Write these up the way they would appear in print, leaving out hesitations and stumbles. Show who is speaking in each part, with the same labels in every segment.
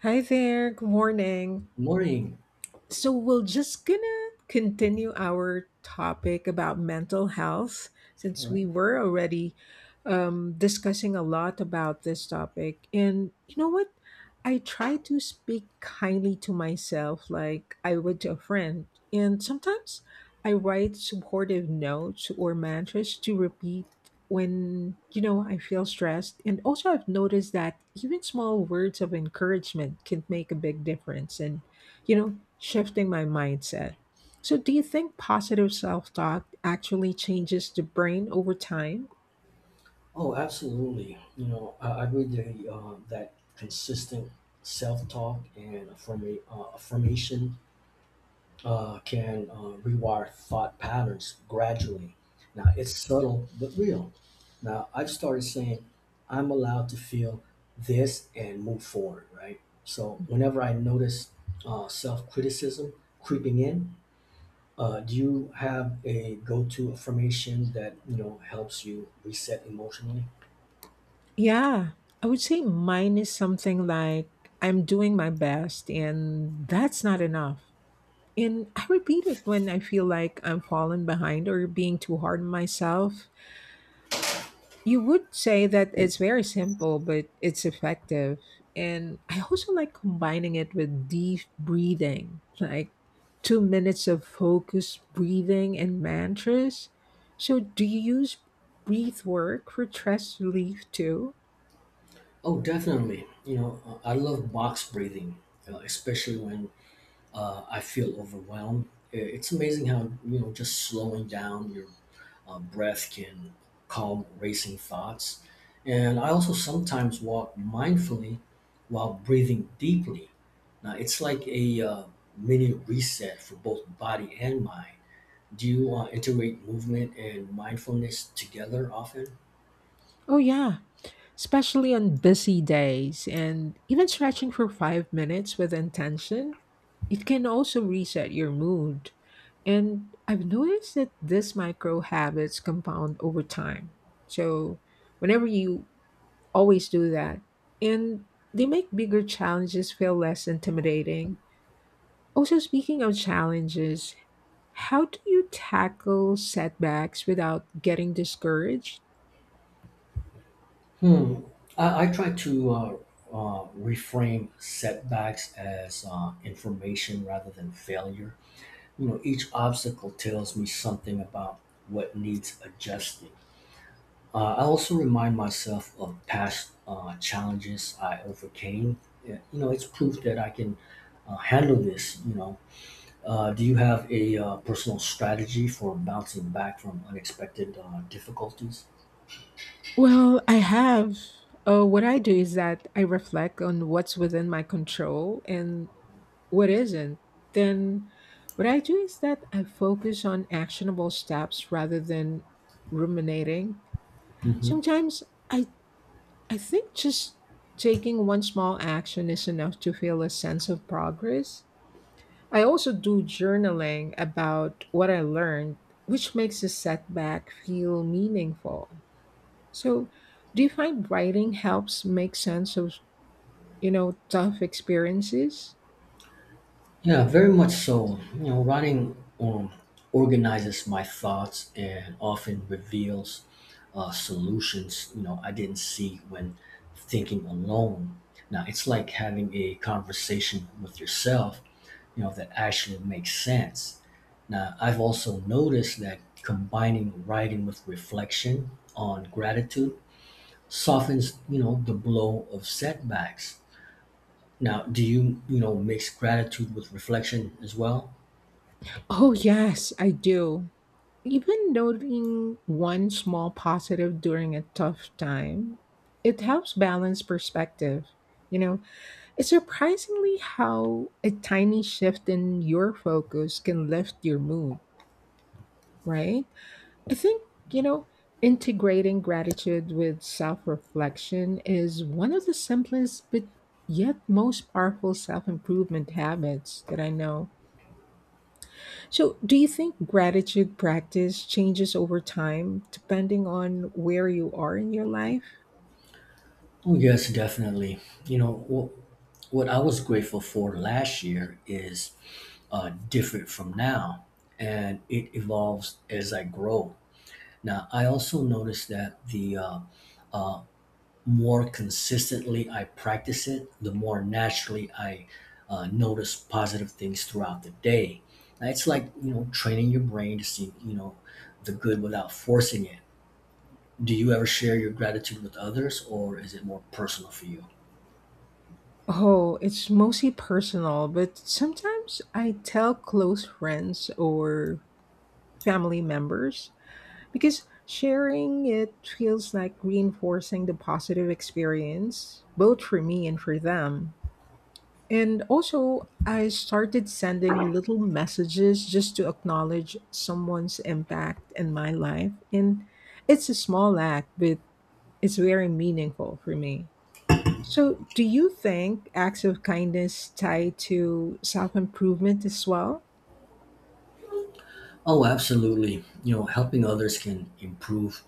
Speaker 1: Hi there. Good morning,
Speaker 2: Morning.
Speaker 1: so we're just gonna continue our topic about mental health
Speaker 2: All
Speaker 1: since
Speaker 2: right.
Speaker 1: we were already discussing a lot about this topic. And you know what, I try to speak kindly to myself like I would to a friend, and sometimes I write supportive notes or mantras to repeat when I feel stressed. And also I've noticed that even small words of encouragement can make a big difference and, you know, shifting my mindset. So, do you think positive self talk actually changes the brain over time?
Speaker 2: Oh, absolutely. You know, I agree that consistent self-talk and affirmation can rewire thought patterns gradually. Now, it's subtle but real. Now, I've started saying I'm allowed to feel this and move forward, right? So, whenever I notice self-criticism creeping in. Do you have a go-to affirmation that you know helps you reset emotionally?
Speaker 1: Yeah, I would say mine is something like I'm doing my best and that's not enough. And I repeat it when I feel like I'm falling behind or being too hard on myself. You would say that it's very simple, but it's effective. And I also like combining it with deep breathing, like 2 minutes of focused breathing and mantras. So, do you use breath work for stress relief too?
Speaker 2: Oh, definitely. You know, I love box breathing, especially when I feel overwhelmed. It's amazing how you know just slowing down your breath can calm racing thoughts. And I also sometimes walk mindfully while breathing deeply. Now, it's like a mini reset for both body and mind. Do you integrate movement and mindfulness together often?
Speaker 1: Oh, yeah. Especially on busy days, and even stretching for 5 minutes with intention, it can also reset your mood. And I've noticed that these micro habits compound over time. So, whenever you always do that, and they make bigger challenges feel less intimidating. Also, speaking of challenges, how do you tackle setbacks without getting discouraged?
Speaker 2: Hmm. I try to reframe setbacks as information rather than failure. You know, each obstacle tells me something about what needs adjusting. I also remind myself of past challenges I overcame. Yeah. You know, it's proof that I can handle this. You know, do you have a personal strategy for bouncing back from unexpected difficulties?
Speaker 1: Well, I have. What I do is that I reflect on what's within my control and what isn't. Then, what I do is that I focus on actionable steps rather than ruminating.
Speaker 2: Hmm.
Speaker 1: Sometimes I, I think just taking one small action is enough to feel a sense of progress. I also do journaling about what I learned, which makes a setback feel meaningful. So, do you find writing helps make sense of, you know, tough experiences?
Speaker 2: Yeah, very much so. You know, writing organizes my thoughts and often reveals solutions. You know, I didn't see when thinking alone. Now, it's like having a conversation with yourself. You know, that actually makes sense. Now, I've also noticed that combining writing with reflection on gratitude softens you know the blow of setbacks. Now, do you know mix gratitude with reflection as well?
Speaker 1: Oh, yes, I do. Even noting one small positive during a tough time, it helps balance perspective. You know, it's surprisingly how a tiny shift in your focus can lift your mood, right? I think, you know, integrating gratitude with self reflection is one of the simplest but yet most powerful self improvement habits that I know. So, do you think gratitude practice changes over time depending on where you are in your life?
Speaker 2: Oh, yes, definitely. You know, what I was grateful for last year is different from now, and it evolves as I grow. Now, I also noticed that the uh, more consistently I practice it, the more naturally I notice positive things throughout the day. Now, it's like you know training your brain to see you know the good without forcing it. Do you ever share your gratitude with others, or is it more personal for you?
Speaker 1: Oh, it's mostly personal, but sometimes I tell close friends or family members. Because sharing it feels like reinforcing the positive experience, both for me and for them. And also, I started sending little messages just to acknowledge someone's impact in my life. And it's a small act, but it's very meaningful for me. So, do you think acts of kindness tie to self improvement as well?
Speaker 2: Oh, absolutely. You know, helping others can improve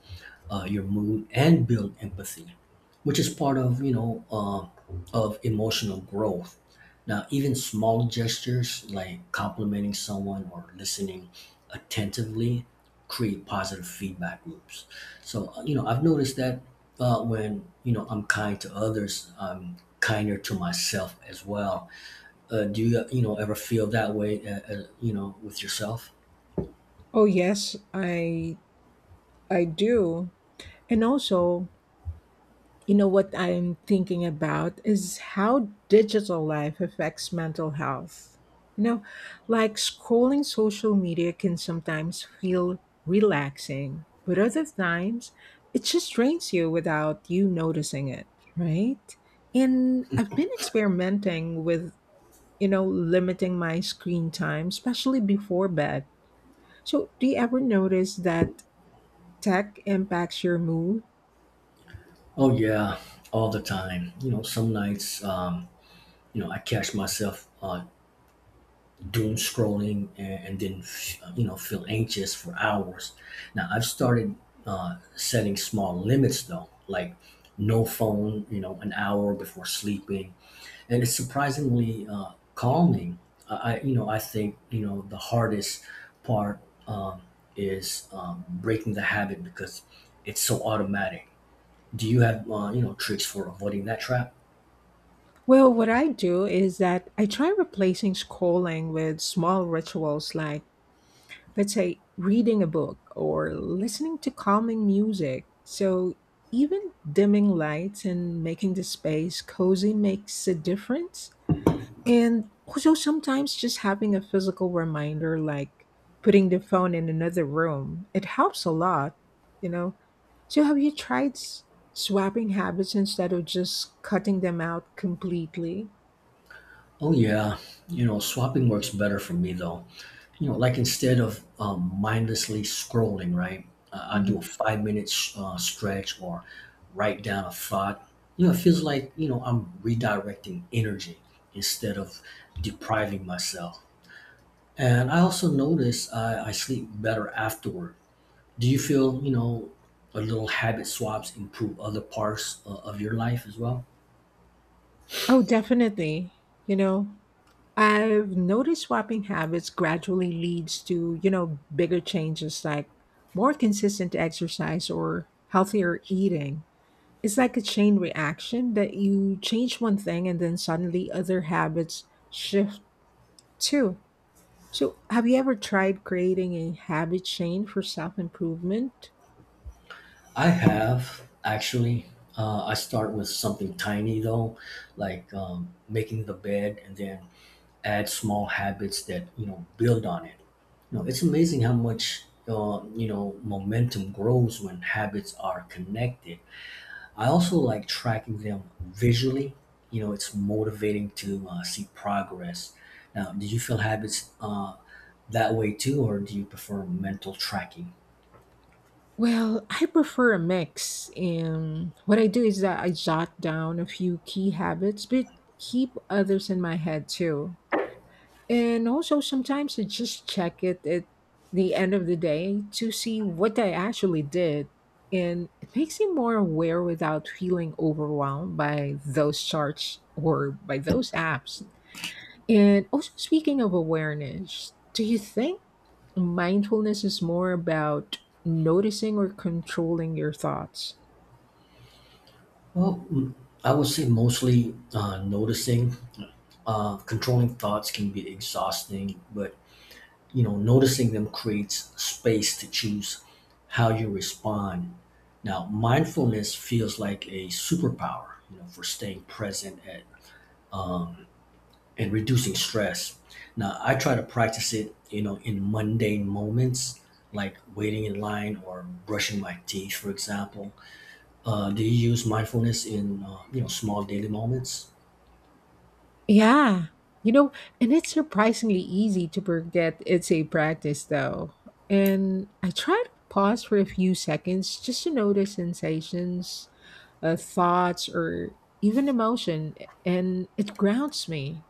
Speaker 2: your mood and build empathy, which is part of you know of emotional growth. Now, even small gestures like complimenting someone or listening attentively create positive feedback loops. So you know I've noticed that when you know I'm kind to others, I'm kinder to myself as well. Do you you know ever feel that way? You know, with yourself?
Speaker 1: Oh yes, I do. And also, you know what I'm thinking about is how digital life affects mental health. You know, like scrolling social media can sometimes feel relaxing, but other times it just drains you without you noticing it, right? And I've been experimenting with, you know, limiting my screen time, especially before bed. So, do you ever notice that tech impacts your mood?
Speaker 2: Oh, yeah, all the time. You know, some nights. You know, I catch myself doom scrolling, and then, you know, feel anxious for hours. Now, I've started setting small limits though, like no phone, you know, an hour before sleeping. And it's surprisingly calming. You know, I think, you know, the hardest part um, is breaking the habit because it's so automatic. Do you have, you know, tricks for avoiding that trap?
Speaker 1: Well, what I do is that I try replacing scrolling with small rituals like, let's say, reading a book or listening to calming music. So even dimming lights and making the space cozy makes a difference. And also sometimes just having a physical reminder like putting the phone in another room, it helps a lot, you know. So have you tried swapping habits instead of just cutting them out completely?
Speaker 2: Oh, yeah. You know, swapping works better for me though. You know, like instead of mindlessly scrolling, right? I do a 5 minute stretch or write down a thought. You know, it feels like you know I'm redirecting energy instead of depriving myself. And I also notice I sleep better afterward. Do you feel you know a little habit swaps improve other parts of your life as well?
Speaker 1: Oh, definitely. You know, I've noticed swapping habits gradually leads to, you know, bigger changes like more consistent exercise or healthier eating. It's like a chain reaction that you change one thing and then suddenly other habits shift too. So, have you ever tried creating a habit chain for self improvement?
Speaker 2: I have actually. I start with something tiny though, like making the bed, and then add small habits that you know build on it. You know, it's amazing how much you know momentum grows when habits are connected. I also like tracking them visually. You know, it's motivating to see progress. Now, do you feel habits that way too, or do you prefer mental tracking?
Speaker 1: Well, I prefer a mix. And what I do is that I jot down a few key habits, but keep others in my head too. And also, sometimes I just check it at the end of the day to see what I actually did. And it makes me more aware without feeling overwhelmed by those charts or by those apps. And also, speaking of awareness, do you think mindfulness is more about noticing or controlling your thoughts?
Speaker 2: Well, I would say mostly noticing. Uh, controlling thoughts can be exhausting, but you know, noticing them creates space to choose how you respond. Now, mindfulness feels like a superpower, you know, for staying present at, um, and reducing stress. Now, I try to practice it, you know, in mundane moments like waiting in line or brushing my teeth, for example. Do you use mindfulness in, you know, small daily moments?
Speaker 1: Yeah. You know, and it's surprisingly easy to forget it's a practice though. And I try to pause for a few seconds just to notice sensations, thoughts or even emotion, and it grounds me.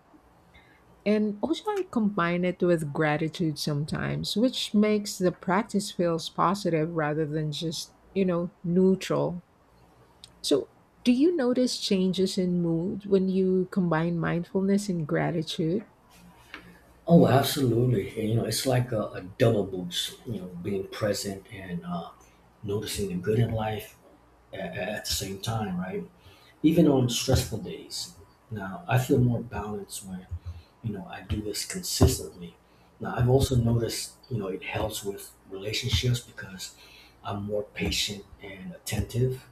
Speaker 1: And also I combine it with gratitude sometimes, which makes the practice feels positive rather than just, you know, neutral. So, do you notice changes in mood when you combine mindfulness and gratitude?
Speaker 2: Oh, absolutely. And, you know, it's like a double boost, you know, being present and noticing the good in life at the same time, right? Even on stressful days. Now, I feel more balanced when, you know, I do this consistently. Now, I've also noticed, you know, it helps with relationships because I'm more patient and attentive.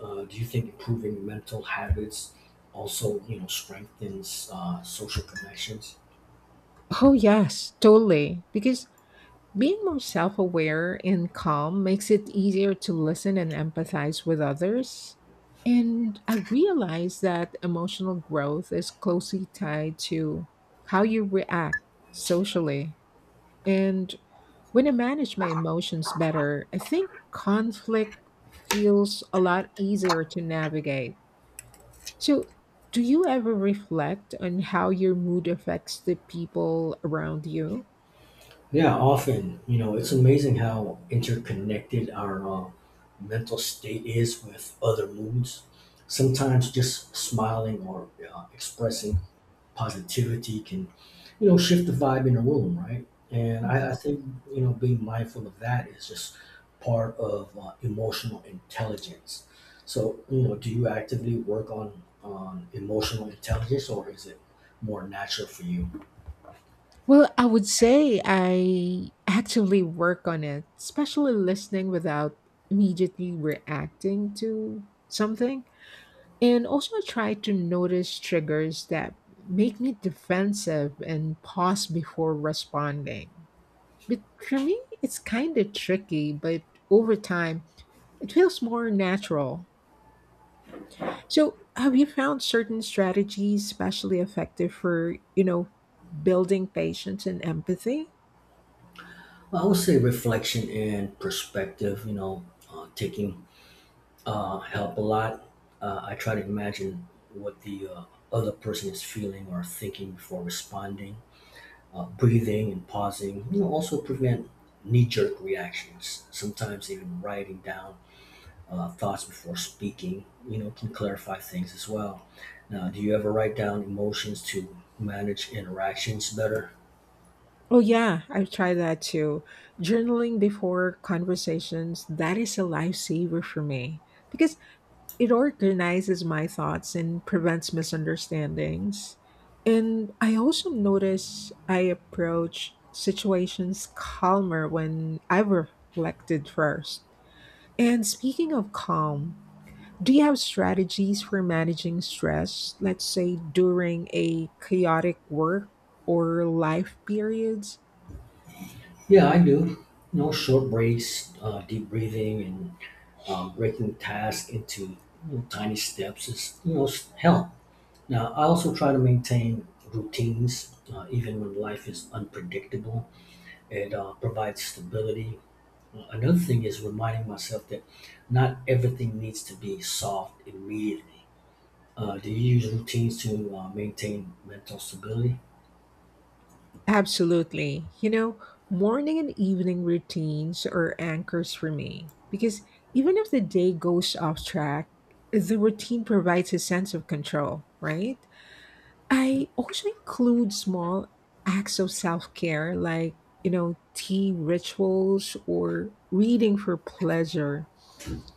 Speaker 2: Do you think improving mental habits also, you know, strengthens social connections?
Speaker 1: Oh yes, totally. Because being more self aware and calm makes it easier to listen and empathize with others. And I realized that emotional growth is closely tied to how you react socially. And when I manage my emotions better, I think conflict feels a lot easier to navigate. So, do you ever reflect on how your mood affects the people around you?
Speaker 2: Yeah, often, you know, it's amazing how interconnected our mental state is with other moods. Sometimes just smiling or expressing positivity can, you know, shift the vibe in a room, right? And I,
Speaker 1: Mhm.
Speaker 2: I think, you know, being mindful of that is just part of emotional intelligence. So, you know, do you actively work on emotional intelligence, or is it more natural for you?
Speaker 1: Well, I would say I actively work on it, especially listening without immediately reacting to something. And also, I try to notice triggers that make me defensive and pause before responding. But for me, it's kind of tricky, but over time, it feels more natural. So, have you found certain strategies especially effective for, you know, building patience and empathy?
Speaker 2: I would say reflection and perspective, you know, taking help a lot. I try to imagine what the other person is feeling or thinking before responding. Uh, breathing and pausing, you know, also prevent knee jerk reactions. Sometimes even writing down thoughts before speaking, you know, can clarify things as well. Now, do you ever write down emotions to manage interactions better?
Speaker 1: Oh, yeah, I've tried that too. Journaling before conversations, that is a lifesaver for me because it organizes my thoughts and prevents misunderstandings. And I also notice I approach situations calmer when I've reflected first. And speaking of calm, do you have strategies for managing stress, let's say during a chaotic work or life periods?
Speaker 2: Yeah, I do. You know, short breaks, deep breathing, and breaking tasks into you know, tiny steps is you know help. Now I also try to maintain routines even when life is unpredictable. It provides stability. Another thing is reminding myself that not everything needs to be solved immediately. Do you use routines to maintain mental stability?
Speaker 1: Absolutely. You know, morning and evening routines are anchors for me because even if the day goes off track, the routine provides a sense of control, right? I also include small acts of self care like, you know, tea rituals or reading for pleasure.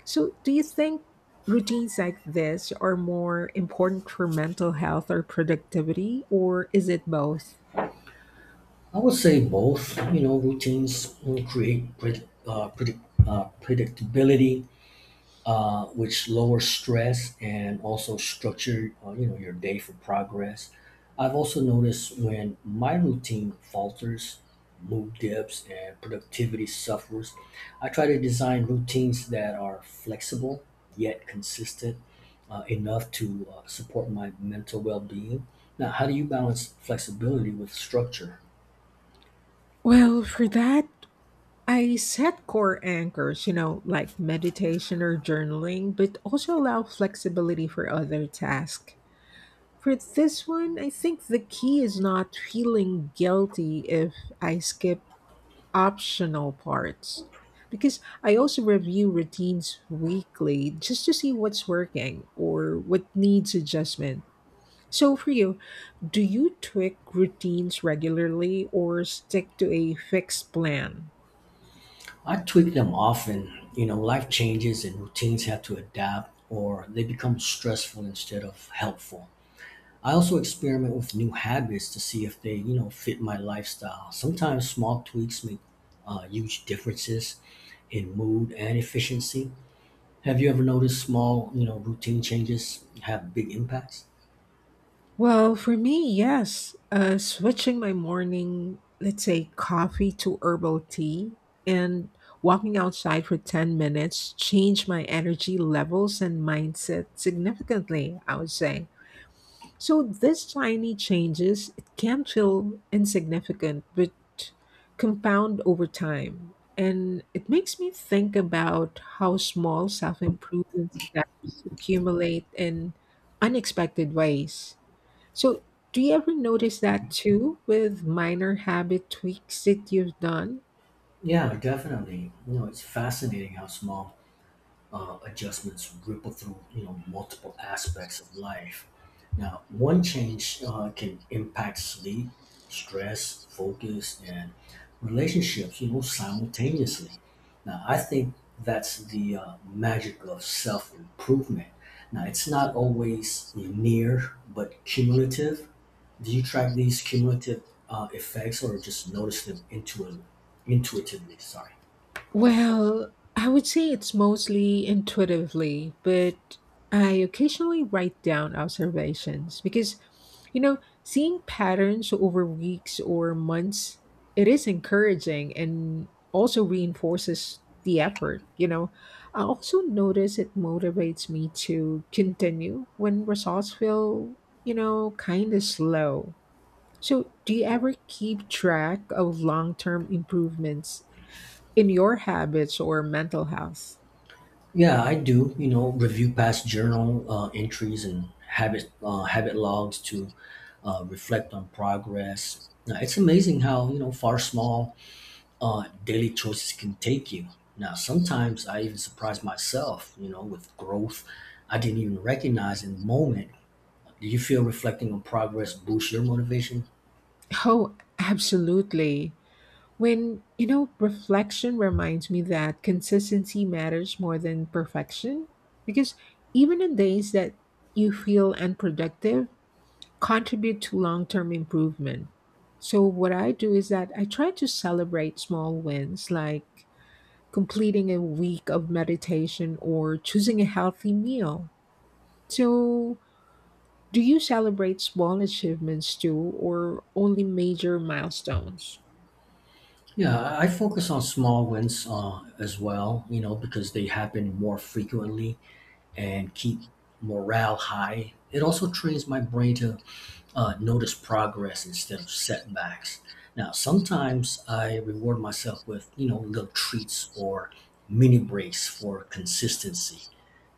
Speaker 1: So, do you think routines like this are more important for mental health or productivity, or is it both?
Speaker 2: I would say both. You know, routines you create predictability, which lowers stress and also structure you know your day for progress. I've also noticed when my routine falters, mood dips, and productivity suffers, I try to design routines that are flexible yet consistent enough to support my mental well-being. Now, how do you balance flexibility with structure?
Speaker 1: Well, for that, I set core anchors, you know, like meditation or journaling, but also allow flexibility for other tasks. For this one, I think the key is not feeling guilty if I skip optional parts, because I also review routines weekly just to see what's working or what needs adjustment. So, for you, do you tweak routines regularly or stick to a fixed plan?
Speaker 2: I tweak them often. You know, life changes and routines have to adapt, or they become stressful instead of helpful. I also experiment with new habits to see if they, you know, fit my lifestyle. Sometimes small tweaks make huge differences in mood and efficiency. Have you ever noticed small, you know, routine changes have big impacts?
Speaker 1: Well, for me, yes. Switching my morning, let's say, coffee to herbal tea and walking outside for 10 minutes changed my energy levels and mindset significantly, I would say. So these tiny changes, it can feel insignificant, but compound over time. And it makes me think about how small self improvement steps accumulate in unexpected ways. So, do you ever notice that too with minor habit tweaks that you've done?
Speaker 2: Yeah, definitely. You know, it's fascinating how small adjustments ripple through you know multiple aspects of life. Now, one change can impact sleep, stress, focus, and relationships. You know, simultaneously. Now, I think that's the magic of self improvement. Now, it's not always linear, but cumulative. Do you track these cumulative effects or just notice them intuitively? Intuitively, sorry.
Speaker 1: Well, I would say it's mostly intuitively, but I occasionally write down observations because, you know, seeing patterns over weeks or months, it is encouraging and also reinforces the effort, you know. I also notice it motivates me to continue when results feel, you know, kind of slow. So, do you ever keep track of long term improvements in your habits or mental health?
Speaker 2: Yeah, I do. You know, review past journal entries and habit logs to reflect on progress. Now, it's amazing how you know far small daily choices can take you. Now, sometimes I even surprise myself. You know, with growth I didn't even recognize in the moment. Do you feel reflecting on progress boosts your motivation?
Speaker 1: Oh, absolutely. When, you know, reflection reminds me that consistency matters more than perfection, because even on days that you feel unproductive, contribute to long term improvement. So, what I do is that I try to celebrate small wins like completing a week of meditation or choosing a healthy meal. So, do you celebrate small achievements too, or only major milestones?
Speaker 2: Yeah, I focus on small wins as well. You know, because they happen more frequently and keep morale high. It also trains my brain to notice progress instead of setbacks. Now, sometimes I reward myself with, you know, little treats or mini breaks for consistency.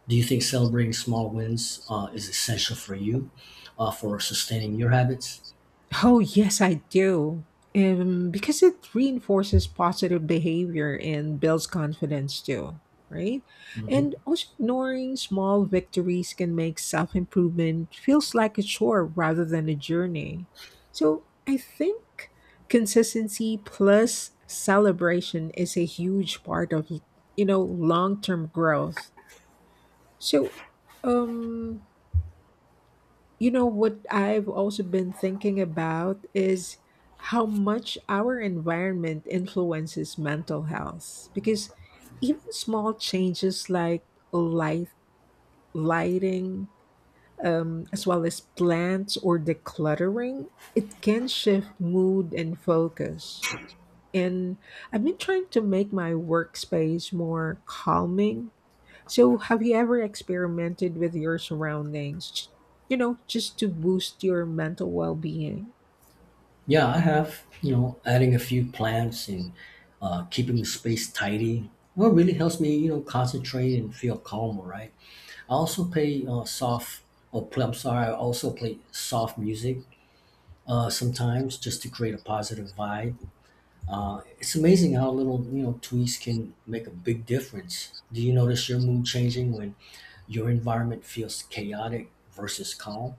Speaker 2: Do you think celebrating small wins is essential for you for sustaining your habits?
Speaker 1: Oh, yes, I do. Because it reinforces positive behavior and builds confidence too, right? And
Speaker 2: Hmm.
Speaker 1: also, ignoring small victories can make self improvement feels like a chore rather than a journey. So, I think consistency plus celebration is a huge part of, you know, long term growth. So, um, you know, what I've also been thinking about is how much our environment influences mental health. Because even small changes like light, lighting, as well as plants or decluttering, it can shift mood and focus. And I've been trying to make my workspace more calming, so, have you ever experimented with your surroundings, you know, just to boost your mental well being?
Speaker 2: Yeah, I have. You know, adding a few plants and keeping the space tidy. Well, it really helps me, you know, concentrate and feel calmer, right? I also play soft, or play, I'm sorry, I also play soft music sometimes just to create a positive vibe. It's amazing how little, you know, tweaks can make a big difference. Do you notice your mood changing when your environment feels chaotic versus calm?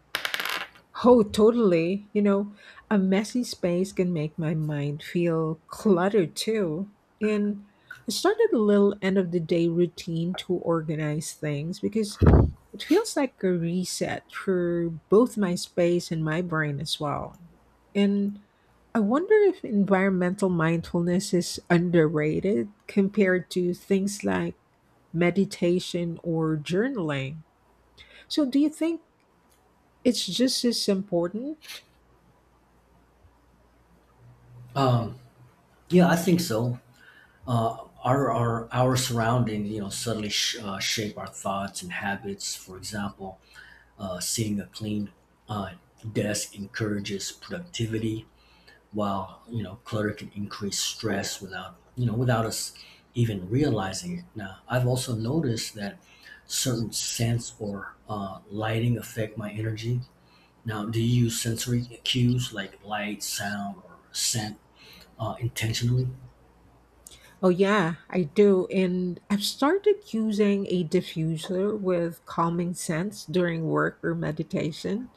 Speaker 1: Oh, totally. You know, a messy space can make my mind feel cluttered too. And I started a little end of the day routine to organize things because it feels like a reset for both my space and my brain as well. And I wonder if environmental mindfulness is underrated compared to things like meditation or journaling. So, do you think it's just as important?
Speaker 2: Um, yeah, I think so. Our surrounding, you know, subtly shape our thoughts and habits. For example, seeing a clean uh, desk encourages productivity, while you know clutter can increase stress without you know without us even realizing it. Now, I've also noticed that certain scents or lighting affect my energy. Now, do you use sensory cues like light, sound, or scent intentionally?
Speaker 1: Oh, yeah, I do. And I've started using a diffuser with calming scents during work or meditation.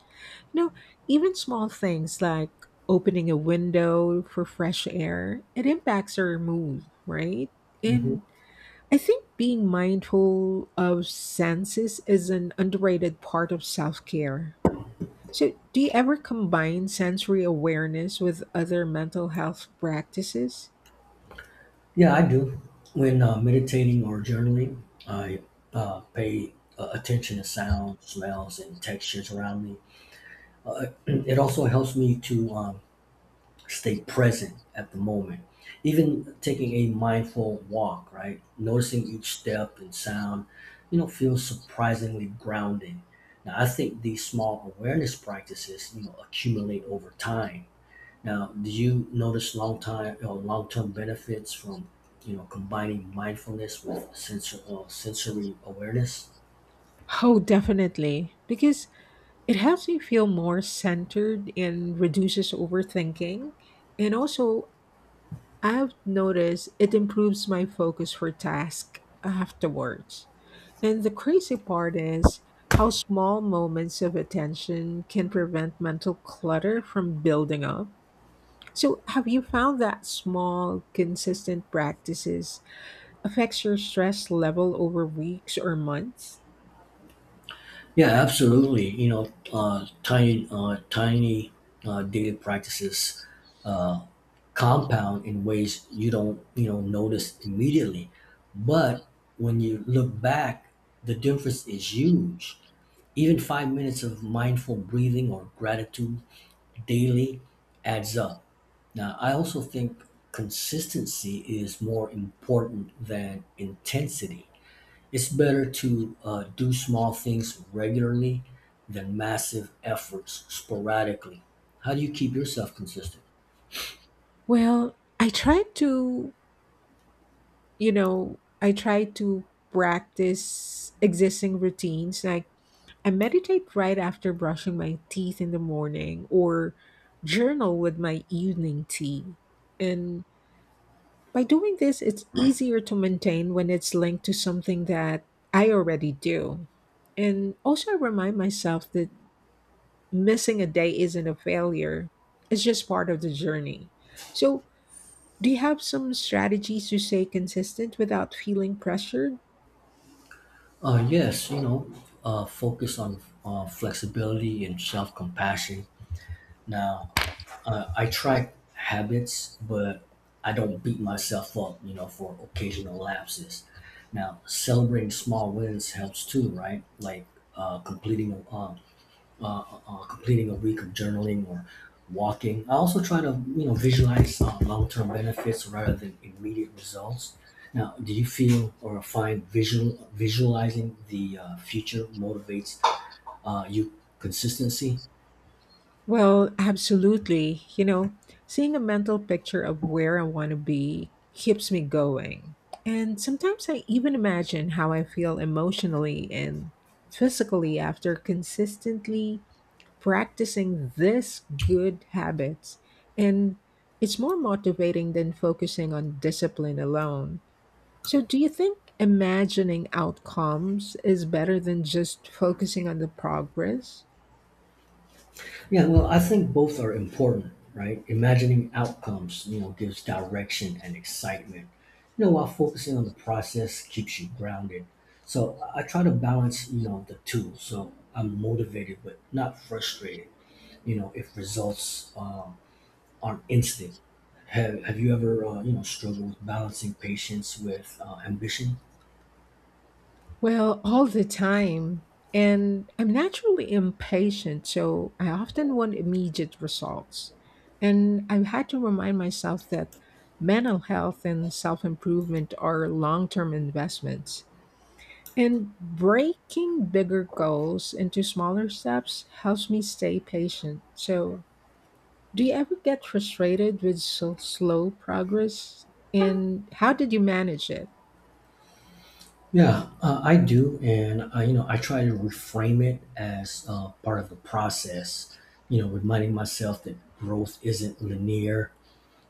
Speaker 1: You know, even small things like opening a window for fresh air, it impacts our mood, right?
Speaker 2: Hmm.
Speaker 1: And I think being mindful of senses is an underrated part of self care. So, do you ever combine sensory awareness with other mental health practices?
Speaker 2: Yeah, I do. When meditating or journaling, I pay attention to sounds, smells, and textures around me. Uh, it also helps me to stay present at the moment. Even taking a mindful walk, right? Noticing each step and sound, you know, feels surprisingly grounding. Now, I think these small awareness practices, you know, accumulate over time. Now, do you notice long time or long term benefits from, you know, combining mindfulness with sensory awareness?
Speaker 1: Oh, definitely. Because it helps me feel more centered and reduces overthinking. And also, I've noticed it improves my focus for tasks afterwards. And the crazy part is how small moments of attention can prevent mental clutter from building up. So, have you found that small, consistent practices affects your stress level over weeks or months?
Speaker 2: Yeah, absolutely. You know, tiny daily practices compound in ways you don't you know notice immediately, but when you look back the difference is huge. Even 5 minutes of mindful breathing or gratitude daily adds up. Now, I also think consistency is more important than intensity. It's better to do small things regularly than massive efforts sporadically. How do you keep yourself consistent?
Speaker 1: Well, I tried to, you know, I try to practice existing routines. Like I meditate right after brushing my teeth in the morning or journal with my evening tea. And by doing this, it's easier to maintain when it's linked to something that I already do. And also, I remind myself that missing a day isn't a failure, it's just part of the journey. So, do you have some strategies to stay consistent without feeling pressured?
Speaker 2: Yes, you know, focus on flexibility and self compassion. Now, I track habits, but I don't beat myself up, you know, for occasional lapses. Now, celebrating small wins helps too, right? Like uh, completing a, uh, uh, completing a week of journaling or walking. I also try to you know visualize long-term benefits rather than immediate results. Now, do you feel or find visualizing the future motivates you consistency?
Speaker 1: Well, absolutely. You know, seeing a mental picture of where I want to be keeps me going. And sometimes I even imagine how I feel emotionally and physically after consistently practicing this good habits. And it's more motivating than focusing on discipline alone. So, do you think imagining outcomes is better than just focusing on the progress?
Speaker 2: Yeah, well, I think both are important, right? Imagining outcomes, you know, gives direction and excitement. You know, while focusing on the process keeps you grounded. So I try to balance, you know, the two. So I'm motivated but not frustrated. You know, if results aren't instant. Have you ever, you know, struggled with balancing patience with ambition?
Speaker 1: Well, all the time. And I'm naturally impatient, so I often want immediate results. And I've had to remind myself that mental health and self improvement are long term investments. And breaking bigger goals into smaller steps helps me stay patient. So, do you ever get frustrated with so slow progress? And how did you manage it?
Speaker 2: Yeah, I do, and you know, I try to reframe it as part of the process. You know, reminding myself that growth isn't linear.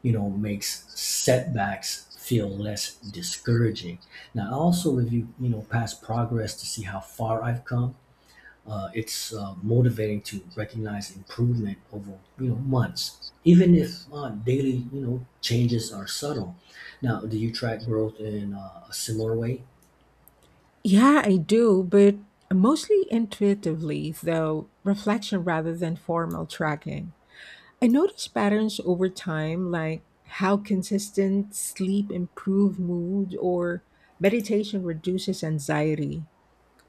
Speaker 2: You know, makes setbacks feel less discouraging. Now, I also review you know past progress to see how far I've come. It's motivating to recognize improvement over you know months, even if daily you know changes are subtle. Now, do you track growth in a similar way?
Speaker 1: Yeah, I do, but mostly intuitively, though, reflection rather than formal tracking. I notice patterns over time, like how consistent sleep improves mood or meditation reduces anxiety.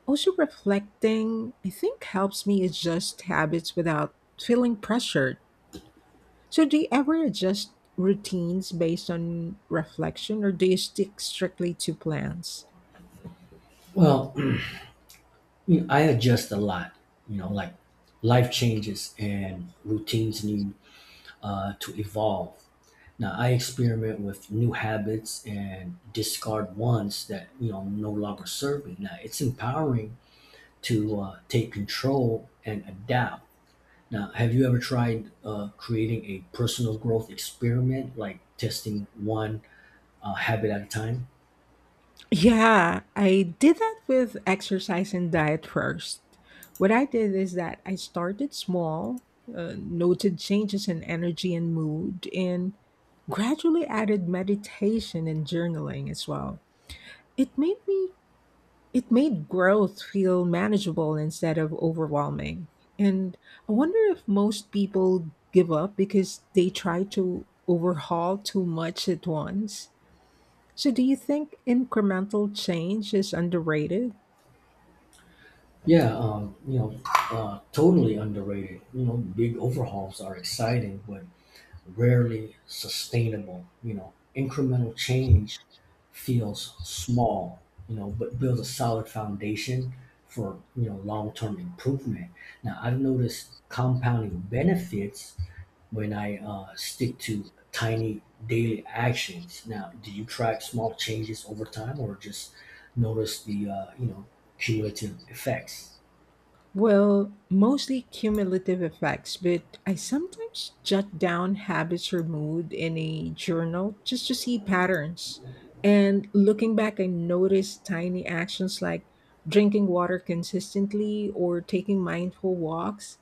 Speaker 1: Also, reflecting, I think, helps me adjust habits without feeling pressured. So, do you ever adjust routines based on reflection or do you stick strictly to plans?
Speaker 2: Well, you know, I adjust a lot, you know, like life changes and routines need to evolve. Now, I experiment with new habits and discard ones that, you know, no longer serve me. Now, it's empowering to take control and adapt. Now, have you ever tried creating a personal growth experiment, like testing one habit at a time?
Speaker 1: Yeah, I did that with exercise and diet first. What I did is that I started small, noted changes in energy and mood, and gradually added meditation and journaling as well. It made me it made growth feel manageable instead of overwhelming. And I wonder if most people give up because they try to overhaul too much at once. So do you think incremental change is underrated?
Speaker 2: Yeah, you know, totally underrated. You know, big overhauls are exciting, but rarely sustainable. You know, incremental change feels small, you know, but builds a solid foundation for, you know, long-term improvement. Now, I've noticed compounding benefits when I stick to tiny daily actions. Now, do you track small changes over time or just notice the, you know, cumulative effects?
Speaker 1: Well, mostly cumulative effects, but I sometimes jot down habits or mood in a journal just to see patterns. And looking back, I notice tiny actions like drinking water consistently or taking mindful walks.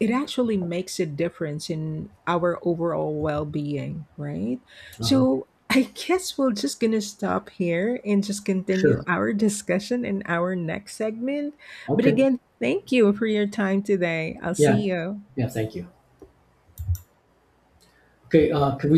Speaker 1: It actually makes a difference in our overall well being, right?
Speaker 2: Uh-huh.
Speaker 1: So I guess we're just going to stop here and just continue
Speaker 2: Sure.
Speaker 1: our discussion in our next segment. But
Speaker 2: Okay.
Speaker 1: again, thank you for your time today. I'll see
Speaker 2: Yeah.
Speaker 1: you.
Speaker 2: Yeah, thank you. Okay. Can we